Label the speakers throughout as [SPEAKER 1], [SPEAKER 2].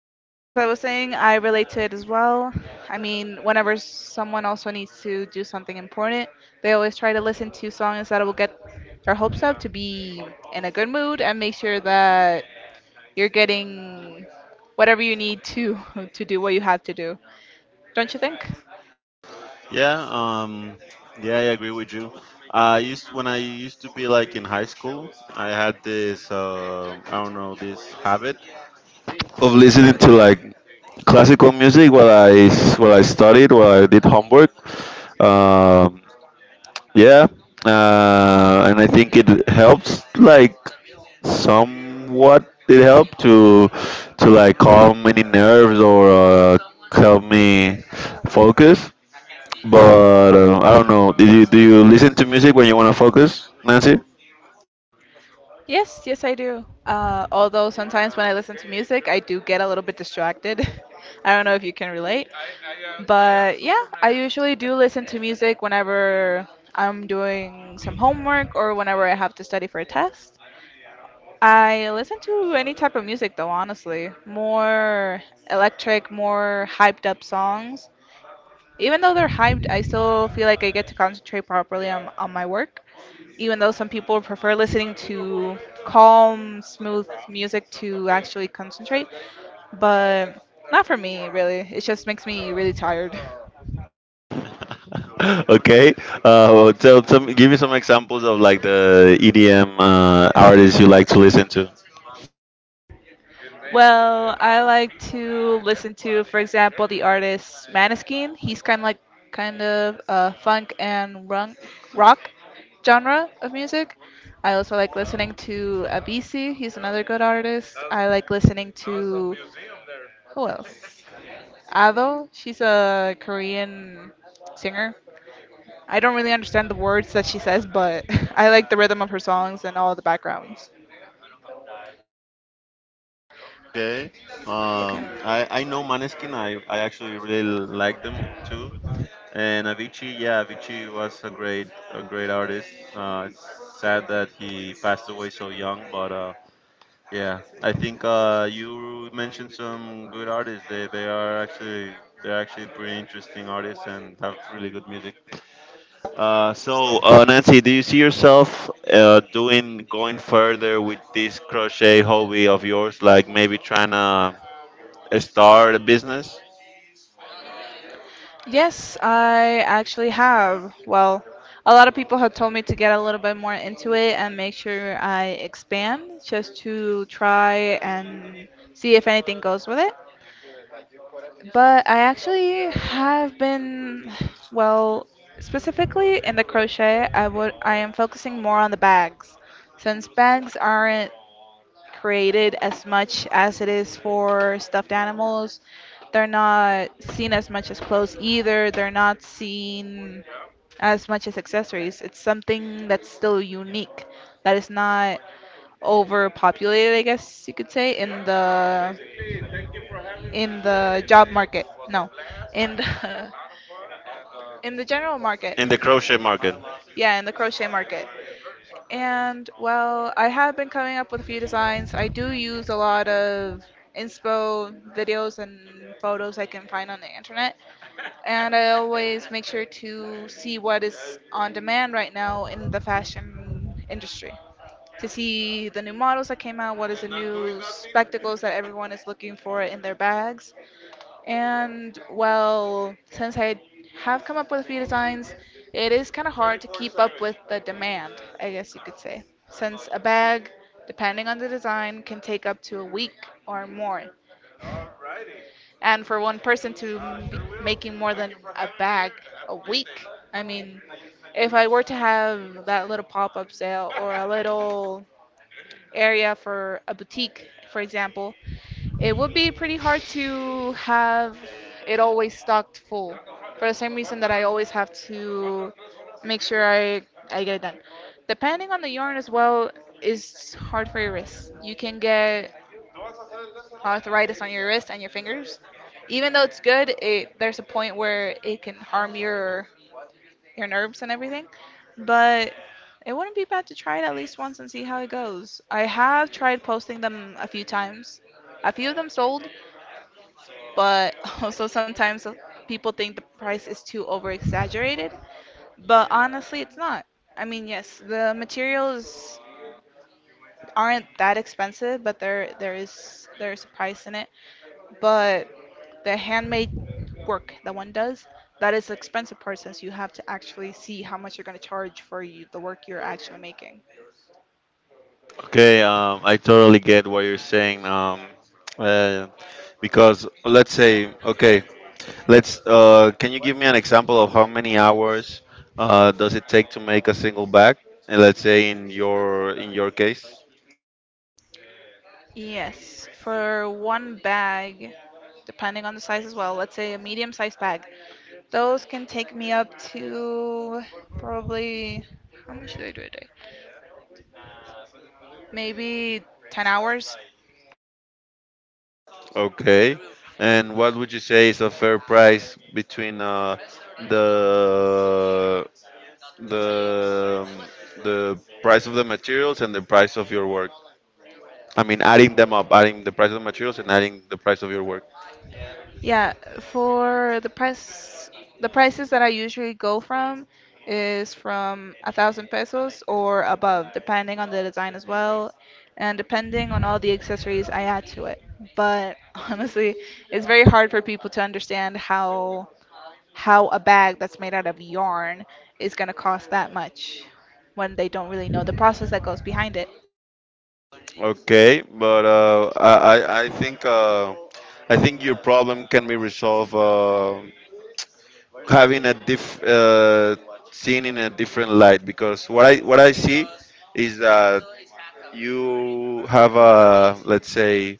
[SPEAKER 1] yeah, as I was saying, I relate to it as well. I mean, whenever someone also needs to do something important, they always try to listen to songs that will get their hopes up to be in a good mood and make sure that you're getting whatever you need to to do what you have to do. Don't you think?
[SPEAKER 2] Yeah, um, yeah, I agree with you. I used when I used to be like in high school, I had this I don't know this habit of listening to like classical music while I studied while I did homework. Um, yeah, and I think it helps like somewhat it helped to like calm any nerves or help me focus but I don't know. Do you listen to music when you want to focus, Nancy?
[SPEAKER 1] Yes, yes, I do. Although sometimes when I listen to music, I do get a little bit distracted. I don't know if you can relate. But yeah, I usually do listen to music whenever I'm doing some homework or whenever I have to study for a test. I listen to any type of music though, honestly. More electric, more hyped up songs. Even though they're hyped, I still feel like I get to concentrate properly on my work. Even though some people prefer listening to calm, smooth music to actually concentrate, but not for me, really. It just makes me really tired.
[SPEAKER 2] Okay. Tell some. Give me some examples of like the EDM artists you like to listen to.
[SPEAKER 1] Well, I like to listen to, for example, the artist Maneskin. He's kind of like funk and run, rock genre of music. I also like listening to Abisi. He's another good artist. I like listening to who else? Ado. She's a Korean singer. I don't really understand the words that she says, but I like the rhythm of her songs and all the backgrounds.
[SPEAKER 2] Okay. Um,
[SPEAKER 1] Okay.
[SPEAKER 2] I I know Maneskin. I actually really like them too. And Avicii, yeah, Avicii was a great artist. It's sad that he passed away so young, but yeah, I think you mentioned some good artists. They're actually pretty interesting artists and have really good music. So, Nancy, do you see yourself doing going further with this crochet hobby of yours? Like maybe trying to start a business
[SPEAKER 1] Yes, I actually have. Well, a lot of people have told me to get a little bit more into it and make sure I expand just to try and see if anything goes with it. But I actually have been, well, specifically in the crochet, I am focusing more on the bags. Since bags aren't created as much as it is for stuffed animals. They're not seen as much as clothes either. They're not seen as much as accessories. It's something that's still unique, that is not overpopulated, I guess you could say, in the job market. No, in the in the general market.
[SPEAKER 2] in the crochet market?
[SPEAKER 1] Yeah, in the crochet market. And well, I have been coming up with a few designs. I do use a lot of inspo videos and photos I can find on the internet. And I always make sure to see what is on demand right now in the fashion industry to see the new models that came out, what is the new spectacles that everyone is looking for in their bags. And well, since I have come up with a few designs, it is kind of hard to keep up with the demand, I guess you could say, since a bag, depending on the design, can take up to a week or more. And for one person to be making more than a bag a week, I mean, if I were to have that little pop up sale or a little area for a boutique, for example, it would be pretty hard to have it always stocked full for the same reason that I always have to make sure I get it done. Depending on the yarn as well, is hard for your wrists. You can get arthritis on your wrist and your fingers. Even though it's good, there's a point where it can harm your nerves and everything. But it wouldn't be bad to try it at least once and see how it goes. I have tried posting them a few times. A few of them sold, but also sometimes people think the price is too over exaggerated, but honestly, it's not. I mean, yes, the materials aren't that expensive, but there's a price in it. But the handmade work that one does, that is the expensive part since you have to actually see how much you're going to charge for you, the work you're actually making.
[SPEAKER 2] Okay, I totally get what you're saying. Uh, because let's say, okay, let's. Can you give me an example of how many hours does it take to make a single bag? And let's say in your case,
[SPEAKER 1] Yes, for one bag, depending on the size as well, let's say a medium sized bag. Those can take me up to probably, how much did I do a day? Maybe 10 hours.
[SPEAKER 2] okay. And what would you say is a fair price between the the the price of the materials and the price of your work? I mean, adding them up, adding the price of the materials and adding the price of your work.
[SPEAKER 1] Yeah, for the price, the prices that I usually go from is from 1,000 pesos or above, depending on the design as well, and depending on all the accessories I add to it. But honestly, it's very hard for people to understand how a bag that's made out of yarn is going to cost that much when they don't really know the process that goes behind it.
[SPEAKER 2] Okay, but I think uh, I think your problem can be resolved having a diff seen in a different light because what I see is that you have a let's say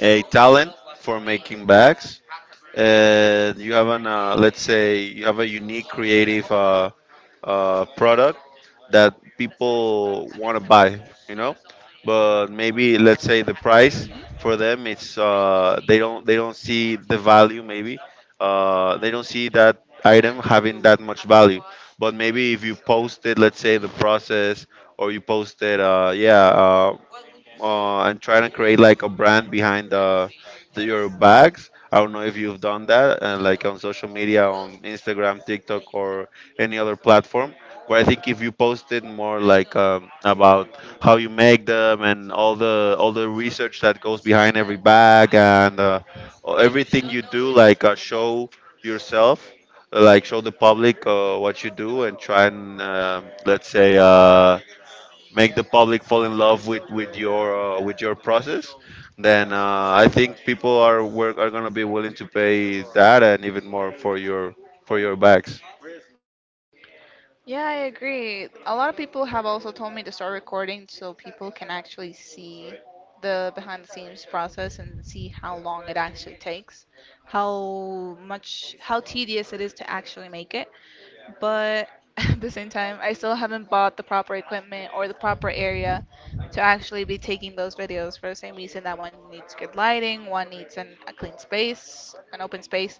[SPEAKER 2] a talent for making bags and you have an let's say you have a unique creative product that people want to buy, you know. But maybe let's say the price
[SPEAKER 1] Mhm.
[SPEAKER 2] for them, it's they don't see the value. Maybe they don't see that item having that much value. But maybe if you posted, let's say, the process, or you posted, and trying to create like a brand behind the your bags. I don't know if you've done that, like on social media, on Instagram, TikTok, or any other platform. But I think if you posted more like about how you make them and all the research that goes behind every bag and everything you do, like show yourself, like show the public what you do and try and let's say. Make the public fall in love with with your process, then I think people are gonna be willing to pay that and even more for your bags.
[SPEAKER 1] Yeah, I agree. A lot of people have also told me to start recording so people can actually see the behind the scenes process and see how long it actually takes. How much, how tedious it is to actually make it. But at the same time, I still haven't bought the proper equipment or the proper area to actually be taking those videos for the same reason that one needs good lighting, one needs a clean space, an open space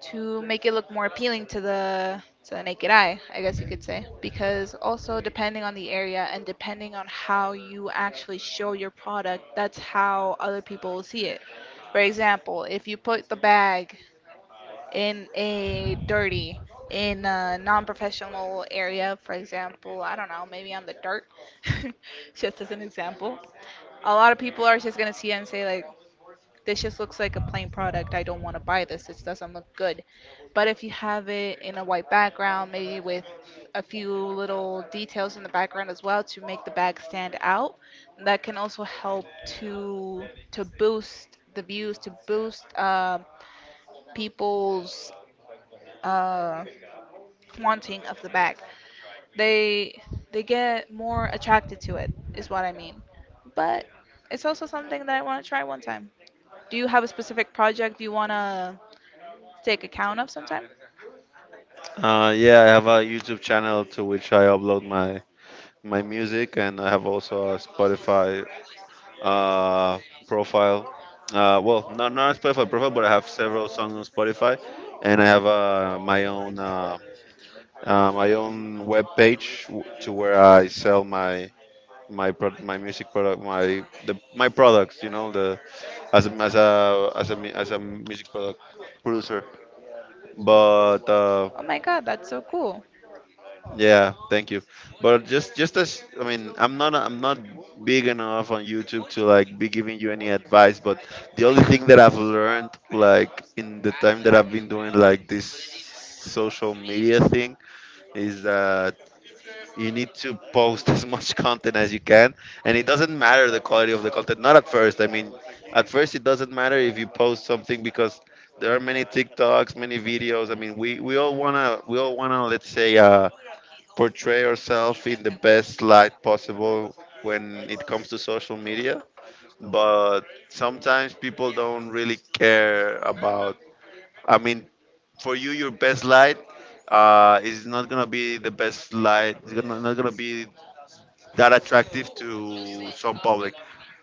[SPEAKER 1] to make it look more appealing to the naked eye, I guess you could say. Because also depending on the area and depending on how you actually show your product, that's how other people will see it. For example, if you put the bag in a dirty, in a non-professional area, for example, I don't know, maybe on the dirt, just as an example. A lot of people are just gonna see it and say like, this just looks like a plain product. I don't want to buy this. This doesn't look good. But if you have it in a white background, maybe with a few little details in the background as well to make the bag stand out, that can also help to boost the views, to boost people's uh, wanting of the bag. They they get more attracted to it is what I mean. But it's also something that I want to try one time. Do you have a specific project you want to take account of sometime?
[SPEAKER 2] Yeah, I have a YouTube channel to which I upload my my music, and I have also a Spotify uh, profile. Not a Spotify profile, but I have several songs on Spotify, and I have my own web page to where I sell my my pro- my music product my the my products, you know, the as a as a as a music product producer, but
[SPEAKER 1] Oh my god, that's so cool.
[SPEAKER 2] yeah, thank you. But just as, I mean, I'm not, I'm not big enough on YouTube to like be giving you any advice, but the only thing that I've learned like in the time that I've been doing like this social media thing is that you need to post as much content as you can, and it doesn't matter the quality of the content, not at first. I mean, at first it doesn't matter if you post something because there are many TikToks, many videos. I mean, we all want to let's say portray ourselves in the best light possible when it comes to social media, but sometimes people don't really care about, I mean, for you your best light is not gonna be the best light. Not gonna be that attractive to some public,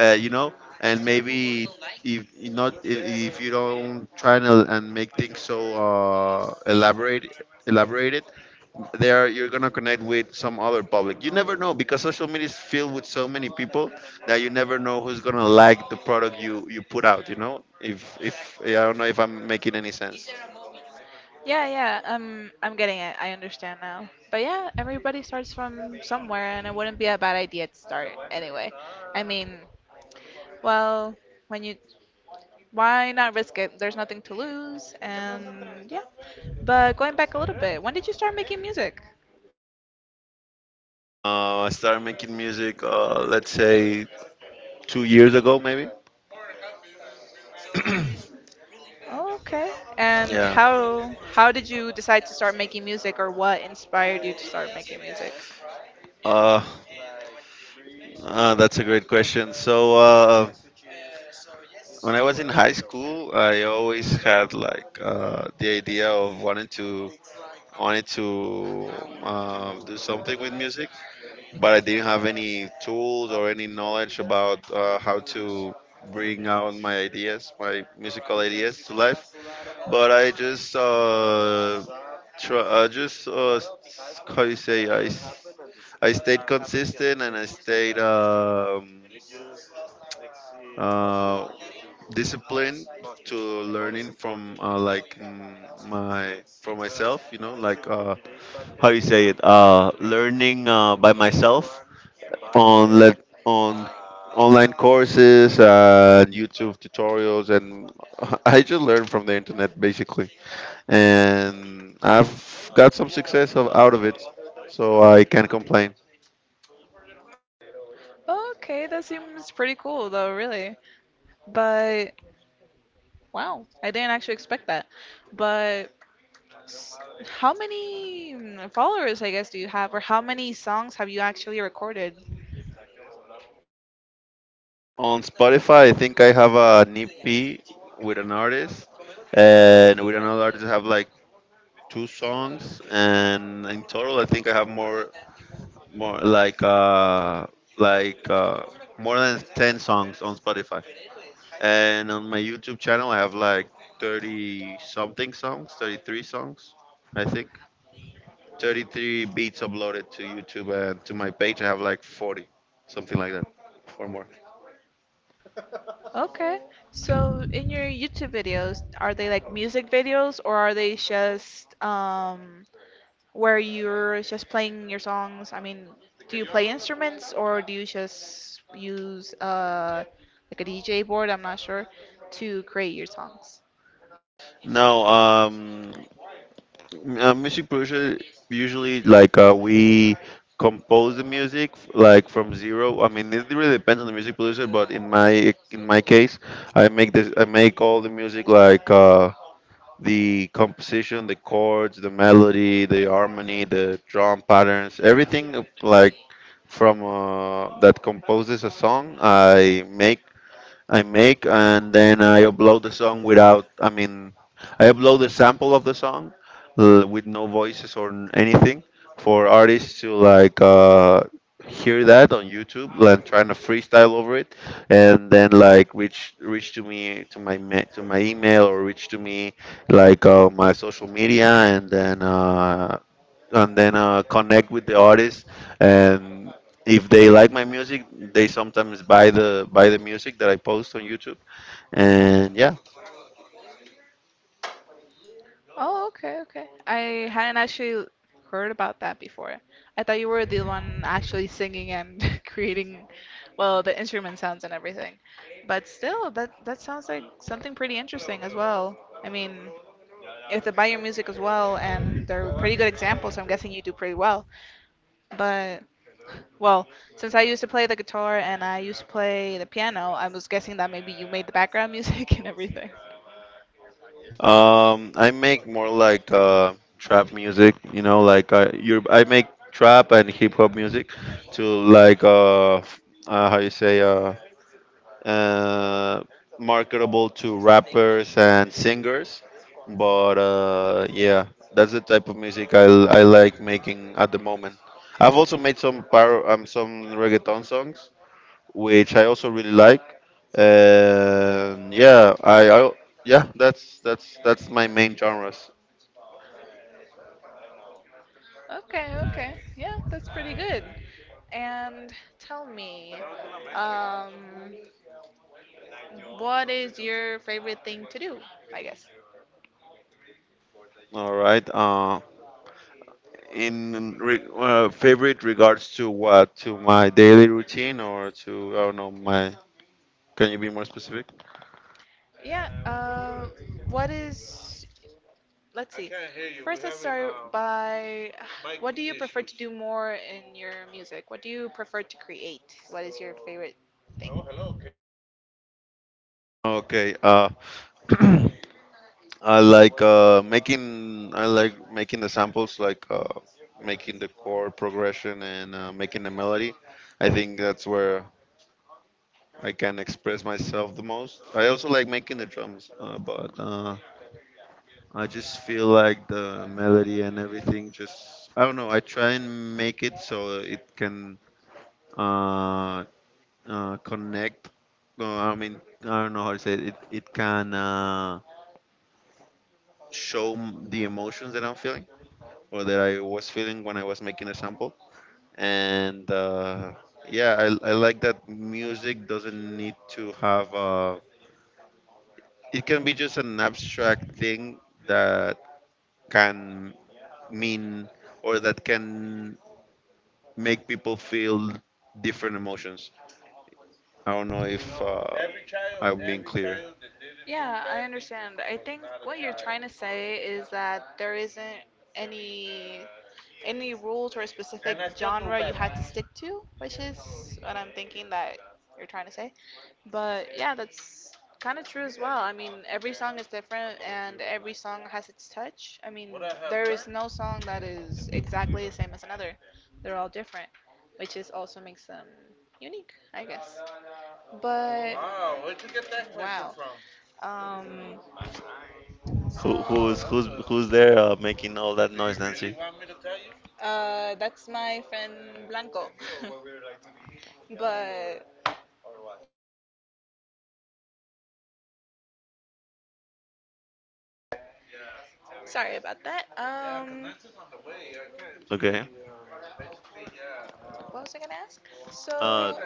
[SPEAKER 2] you know. And maybe if you not if, if you don't try and make things so elaborated, there you're gonna connect with some other public. You never know because social media is filled with so many people that you never know who's gonna like the product you put out. You know, if I don't know if I'm making any sense.
[SPEAKER 1] Yeah, yeah, I'm getting it. I understand now. But yeah, everybody starts from somewhere and it wouldn't be a bad idea to start anyway. I mean, well, when you Why not risk it? There's nothing to lose, and yeah. But going back a little bit, when did you start making music?
[SPEAKER 2] I started making music, let's say 2 years ago, maybe.
[SPEAKER 1] Oh, okay. And
[SPEAKER 2] Yeah.
[SPEAKER 1] how did you decide to start making music, or what inspired you to start making music?
[SPEAKER 2] Uh, that's a great question. So when I was in high school, I always had like the idea of wanting to wanted to do something with music, but I didn't have any tools or any knowledge about how to bring out my ideas, my musical ideas to life. But I just s- how you say I s- I stayed consistent and I stayed. Uh, discipline to learning from like mm, my for myself, you know, like how you say it learning by myself on let on online courses, YouTube tutorials, and I just learn from the internet basically, and I've got some success out of it, so I can't complain.
[SPEAKER 1] Okay, that seems pretty cool though, really. But wow, I didn't actually expect that. But s- how many followers, I guess, do you have, or how many songs have you actually recorded?
[SPEAKER 2] On Spotify, I think I have an EP with an artist, and with another artist I have like two songs, and in total, I think I have more like like uh, more than 10 songs on Spotify. And on my YouTube channel, I have like 33 songs, I think. 33 beats uploaded to YouTube and to my page. I have like 40, something like that, or more.
[SPEAKER 1] Okay. So in your YouTube videos, are they like music videos or are they just where you're just playing your songs? I mean, do you play instruments or do you just use like a DJ board, I'm not sure, to create your songs?
[SPEAKER 2] No, music producer usually like we compose the music like from zero. I mean, it really depends on the music producer, but in my case, I make all the music like the composition, the chords, the melody, the harmony, the drum patterns, everything like from that composes a song. I make, and then I upload the sample of the song with no voices or anything for artists to like hear that on YouTube, like trying to freestyle over it, and then like reach to me to to my email or reach to me like my social media, and then connect with the artist. And if they like my music, they sometimes buy the music that I post on YouTube. And yeah,
[SPEAKER 1] Oh, okay, okay. I hadn't actually heard about that before. I thought you were the one actually singing and creating, well, the instrument sounds and everything. But still, that sounds like something pretty interesting as well. I mean, if they buy your music as well, and they're pretty good examples, so I'm guessing you do pretty well. But well, since I used to play the guitar and I used to play the piano, I was guessing that maybe you made the background music and everything.
[SPEAKER 2] I make more like trap music. You know, like you I make trap and hip hop music to like f- how you say uh, marketable to rappers and singers. But yeah, that's the type of music I like making at the moment. I've also made some reggaeton songs, which I also really like. And yeah, I Yeah, that's that's my main genres.
[SPEAKER 1] Okay, okay. Yeah, that's pretty good. And tell me, um, what is your favorite thing to do, I guess?
[SPEAKER 2] All right. Favorite regards to what, to my daily routine or to I don't know my. Can you be more specific?
[SPEAKER 1] Yeah, what is, let's see. First, let's start by what do you prefer to do more in your music? What do you prefer to create? What is your favorite thing?
[SPEAKER 2] Okay. I like making the samples like making the chord progression and making the melody. I think that's where I can express myself the most. I also like making the drums, but I just feel like the melody and everything just I don't know. I try and make it so it can uh, connect. No, I mean, I don't know how to say it. It can show the emotions that I'm feeling or that I was feeling when I was making a sample. And yeah, I like that music doesn't need to have a. It can be just an abstract thing that can mean or that can make people feel different emotions. I don't know if I'm being clear.
[SPEAKER 1] Yeah, I understand. I think what you're trying child. To say is that there isn't any any rules or a specific genre you had to stick to, which is what I'm thinking that you're trying to say. But yeah, that's kind of true as well. I mean, every song is different and every song has its touch. I What mean, there is learned, no song that is exactly the same as another. They're all different, which is also makes them unique, I guess. But wow. From? Wow,
[SPEAKER 2] Who who's who's
[SPEAKER 1] so
[SPEAKER 2] who's there making all that noise, Nancy?
[SPEAKER 1] a. That's my friend Blanco. But sorry about that. Yeah, Um,
[SPEAKER 2] Okay.
[SPEAKER 1] what was I gonna ask? The things
[SPEAKER 2] Uh,
[SPEAKER 1] so,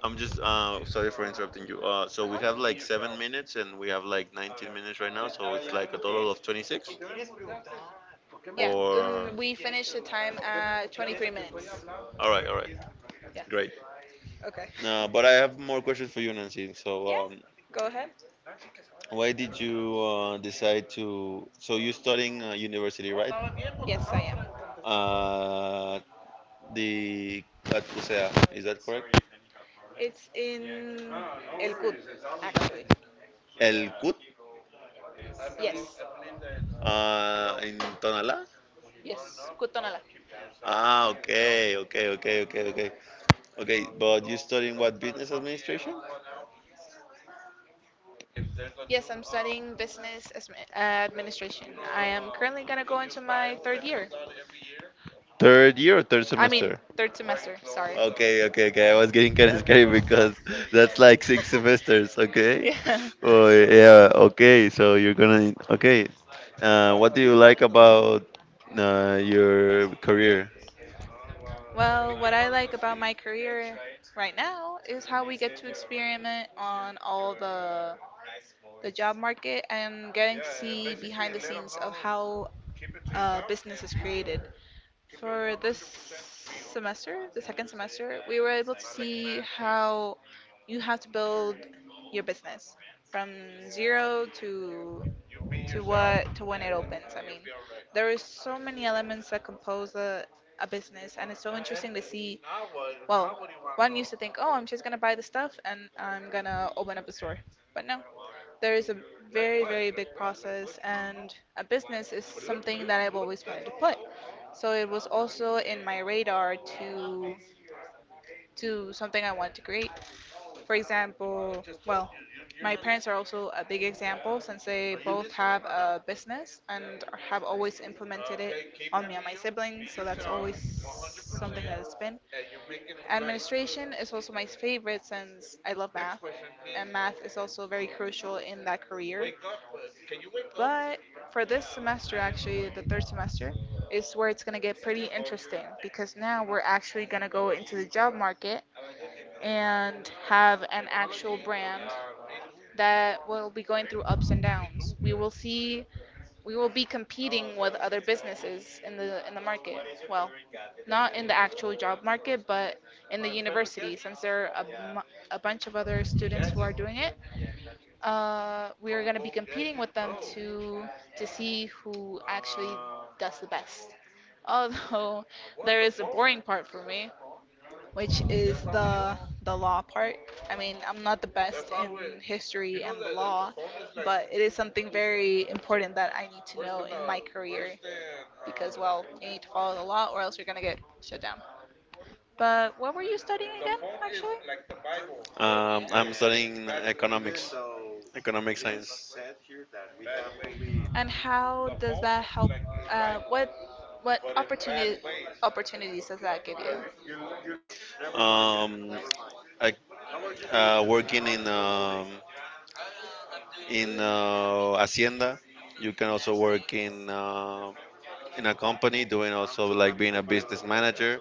[SPEAKER 2] I'm just Sorry for interrupting you. So we have like
[SPEAKER 1] uh-huh.
[SPEAKER 2] 7 minutes and we have like 19 minutes right now, so it's like a total of 26.
[SPEAKER 1] Yeah,
[SPEAKER 2] Or
[SPEAKER 1] um, we finished the preguntar? Time ¿Por qué me at 23 minutes. Pero
[SPEAKER 2] all
[SPEAKER 1] ¿qué
[SPEAKER 2] right,
[SPEAKER 1] quieres que te pregunte?
[SPEAKER 2] great.
[SPEAKER 1] Yeah. Okay.
[SPEAKER 2] But I have more questions for you, Nancy. So
[SPEAKER 1] Yeah. Go ahead.
[SPEAKER 2] why did you decide to? So you're studying university, right?
[SPEAKER 1] Yes, I am.
[SPEAKER 2] Uh, the at CUSEA, is that correct?
[SPEAKER 1] It's in El Good, actually.
[SPEAKER 2] El CUT
[SPEAKER 1] Yes.
[SPEAKER 2] in Tonalá.
[SPEAKER 1] Yes.
[SPEAKER 2] Ah, okay, okay, okay, okay, okay, okay. But you're studying what, business administration?
[SPEAKER 1] Yes, I'm studying business administration. I am currently gonna go into my third year.
[SPEAKER 2] Third year or third
[SPEAKER 1] I mean,
[SPEAKER 2] semester?
[SPEAKER 1] third semester, sorry.
[SPEAKER 2] Okay, okay, okay. I was getting kind of scared because that's like six semesters, okay?
[SPEAKER 1] Yeah.
[SPEAKER 2] Oh, yeah, okay. So you're gonna, okay. What do you like about your career?
[SPEAKER 1] Well, what I like about my career right now is how we get to experiment on all the job market and getting to see behind the scenes of how business is created for this semester, the second semester, we were able to see how you have to build your business from zero to what to when it opens. I mean, there is so many elements that compose a business, and it's so interesting to see. Well, one used to think, oh, I'm just gonna buy the stuff and I'm gonna open up a store, but no, there is a very very big process, and a business is something that I've always wanted to put. So it was also in my radar to do something I want to create. For example, well, my parents are also a big example since they both have a business and have always implemented it on me and my siblings, so that's always something that has been. Administration is also my favorite since I love math, and math is also very crucial in that career. But for this semester, actually, the third semester, is where it's going to get pretty interesting because now we're actually going to go into the job market and have an actual brand that will be going through ups and downs. We will be competing with other businesses in the market. Well, not in the actual job market, but in the university since there are a bunch of other students who are doing it. We are going to be competing with them to see who actually does the best. Although there is a boring part for me which is the law part. I mean, I'm not the best in history and the law, but it is something very important that I need to know in my career because, well, you need to follow the law or else you're gonna get shut down. But what were you studying again, actually?
[SPEAKER 2] I'm studying economics, economic science.
[SPEAKER 1] And how does that help? Uh, what what opportunity opportunities does that give you?
[SPEAKER 2] Um, I, Working in Hacienda. You can also work in a company, doing also like being a business manager.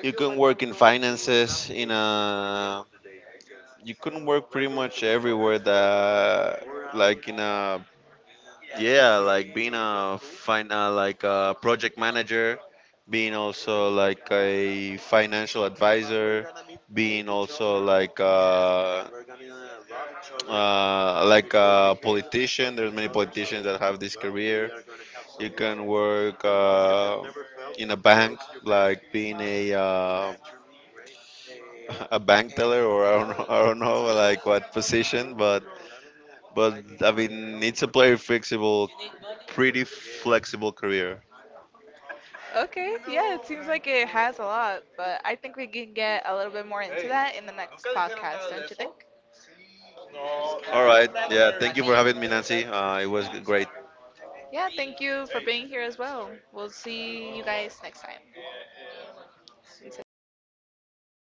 [SPEAKER 2] You can work in finances, in a you couldn't work pretty much everywhere that like in a yeah, like being a fin like a project manager, being also like a financial advisor, being also like a politician. There's many politicians that have this career. You can work in a bank, like being a a bank teller, or I don't know like what position, but but I mean it's a pretty flexible career.
[SPEAKER 1] Okay, yeah, it seems like it has a lot, but I think we can get a little bit more into that in the next podcast, don't you think?
[SPEAKER 2] All right, yeah. Thank you for having me, Nancy. It was great.
[SPEAKER 1] Yeah, thank you for being here as well. We'll see you guys next time. Sensational.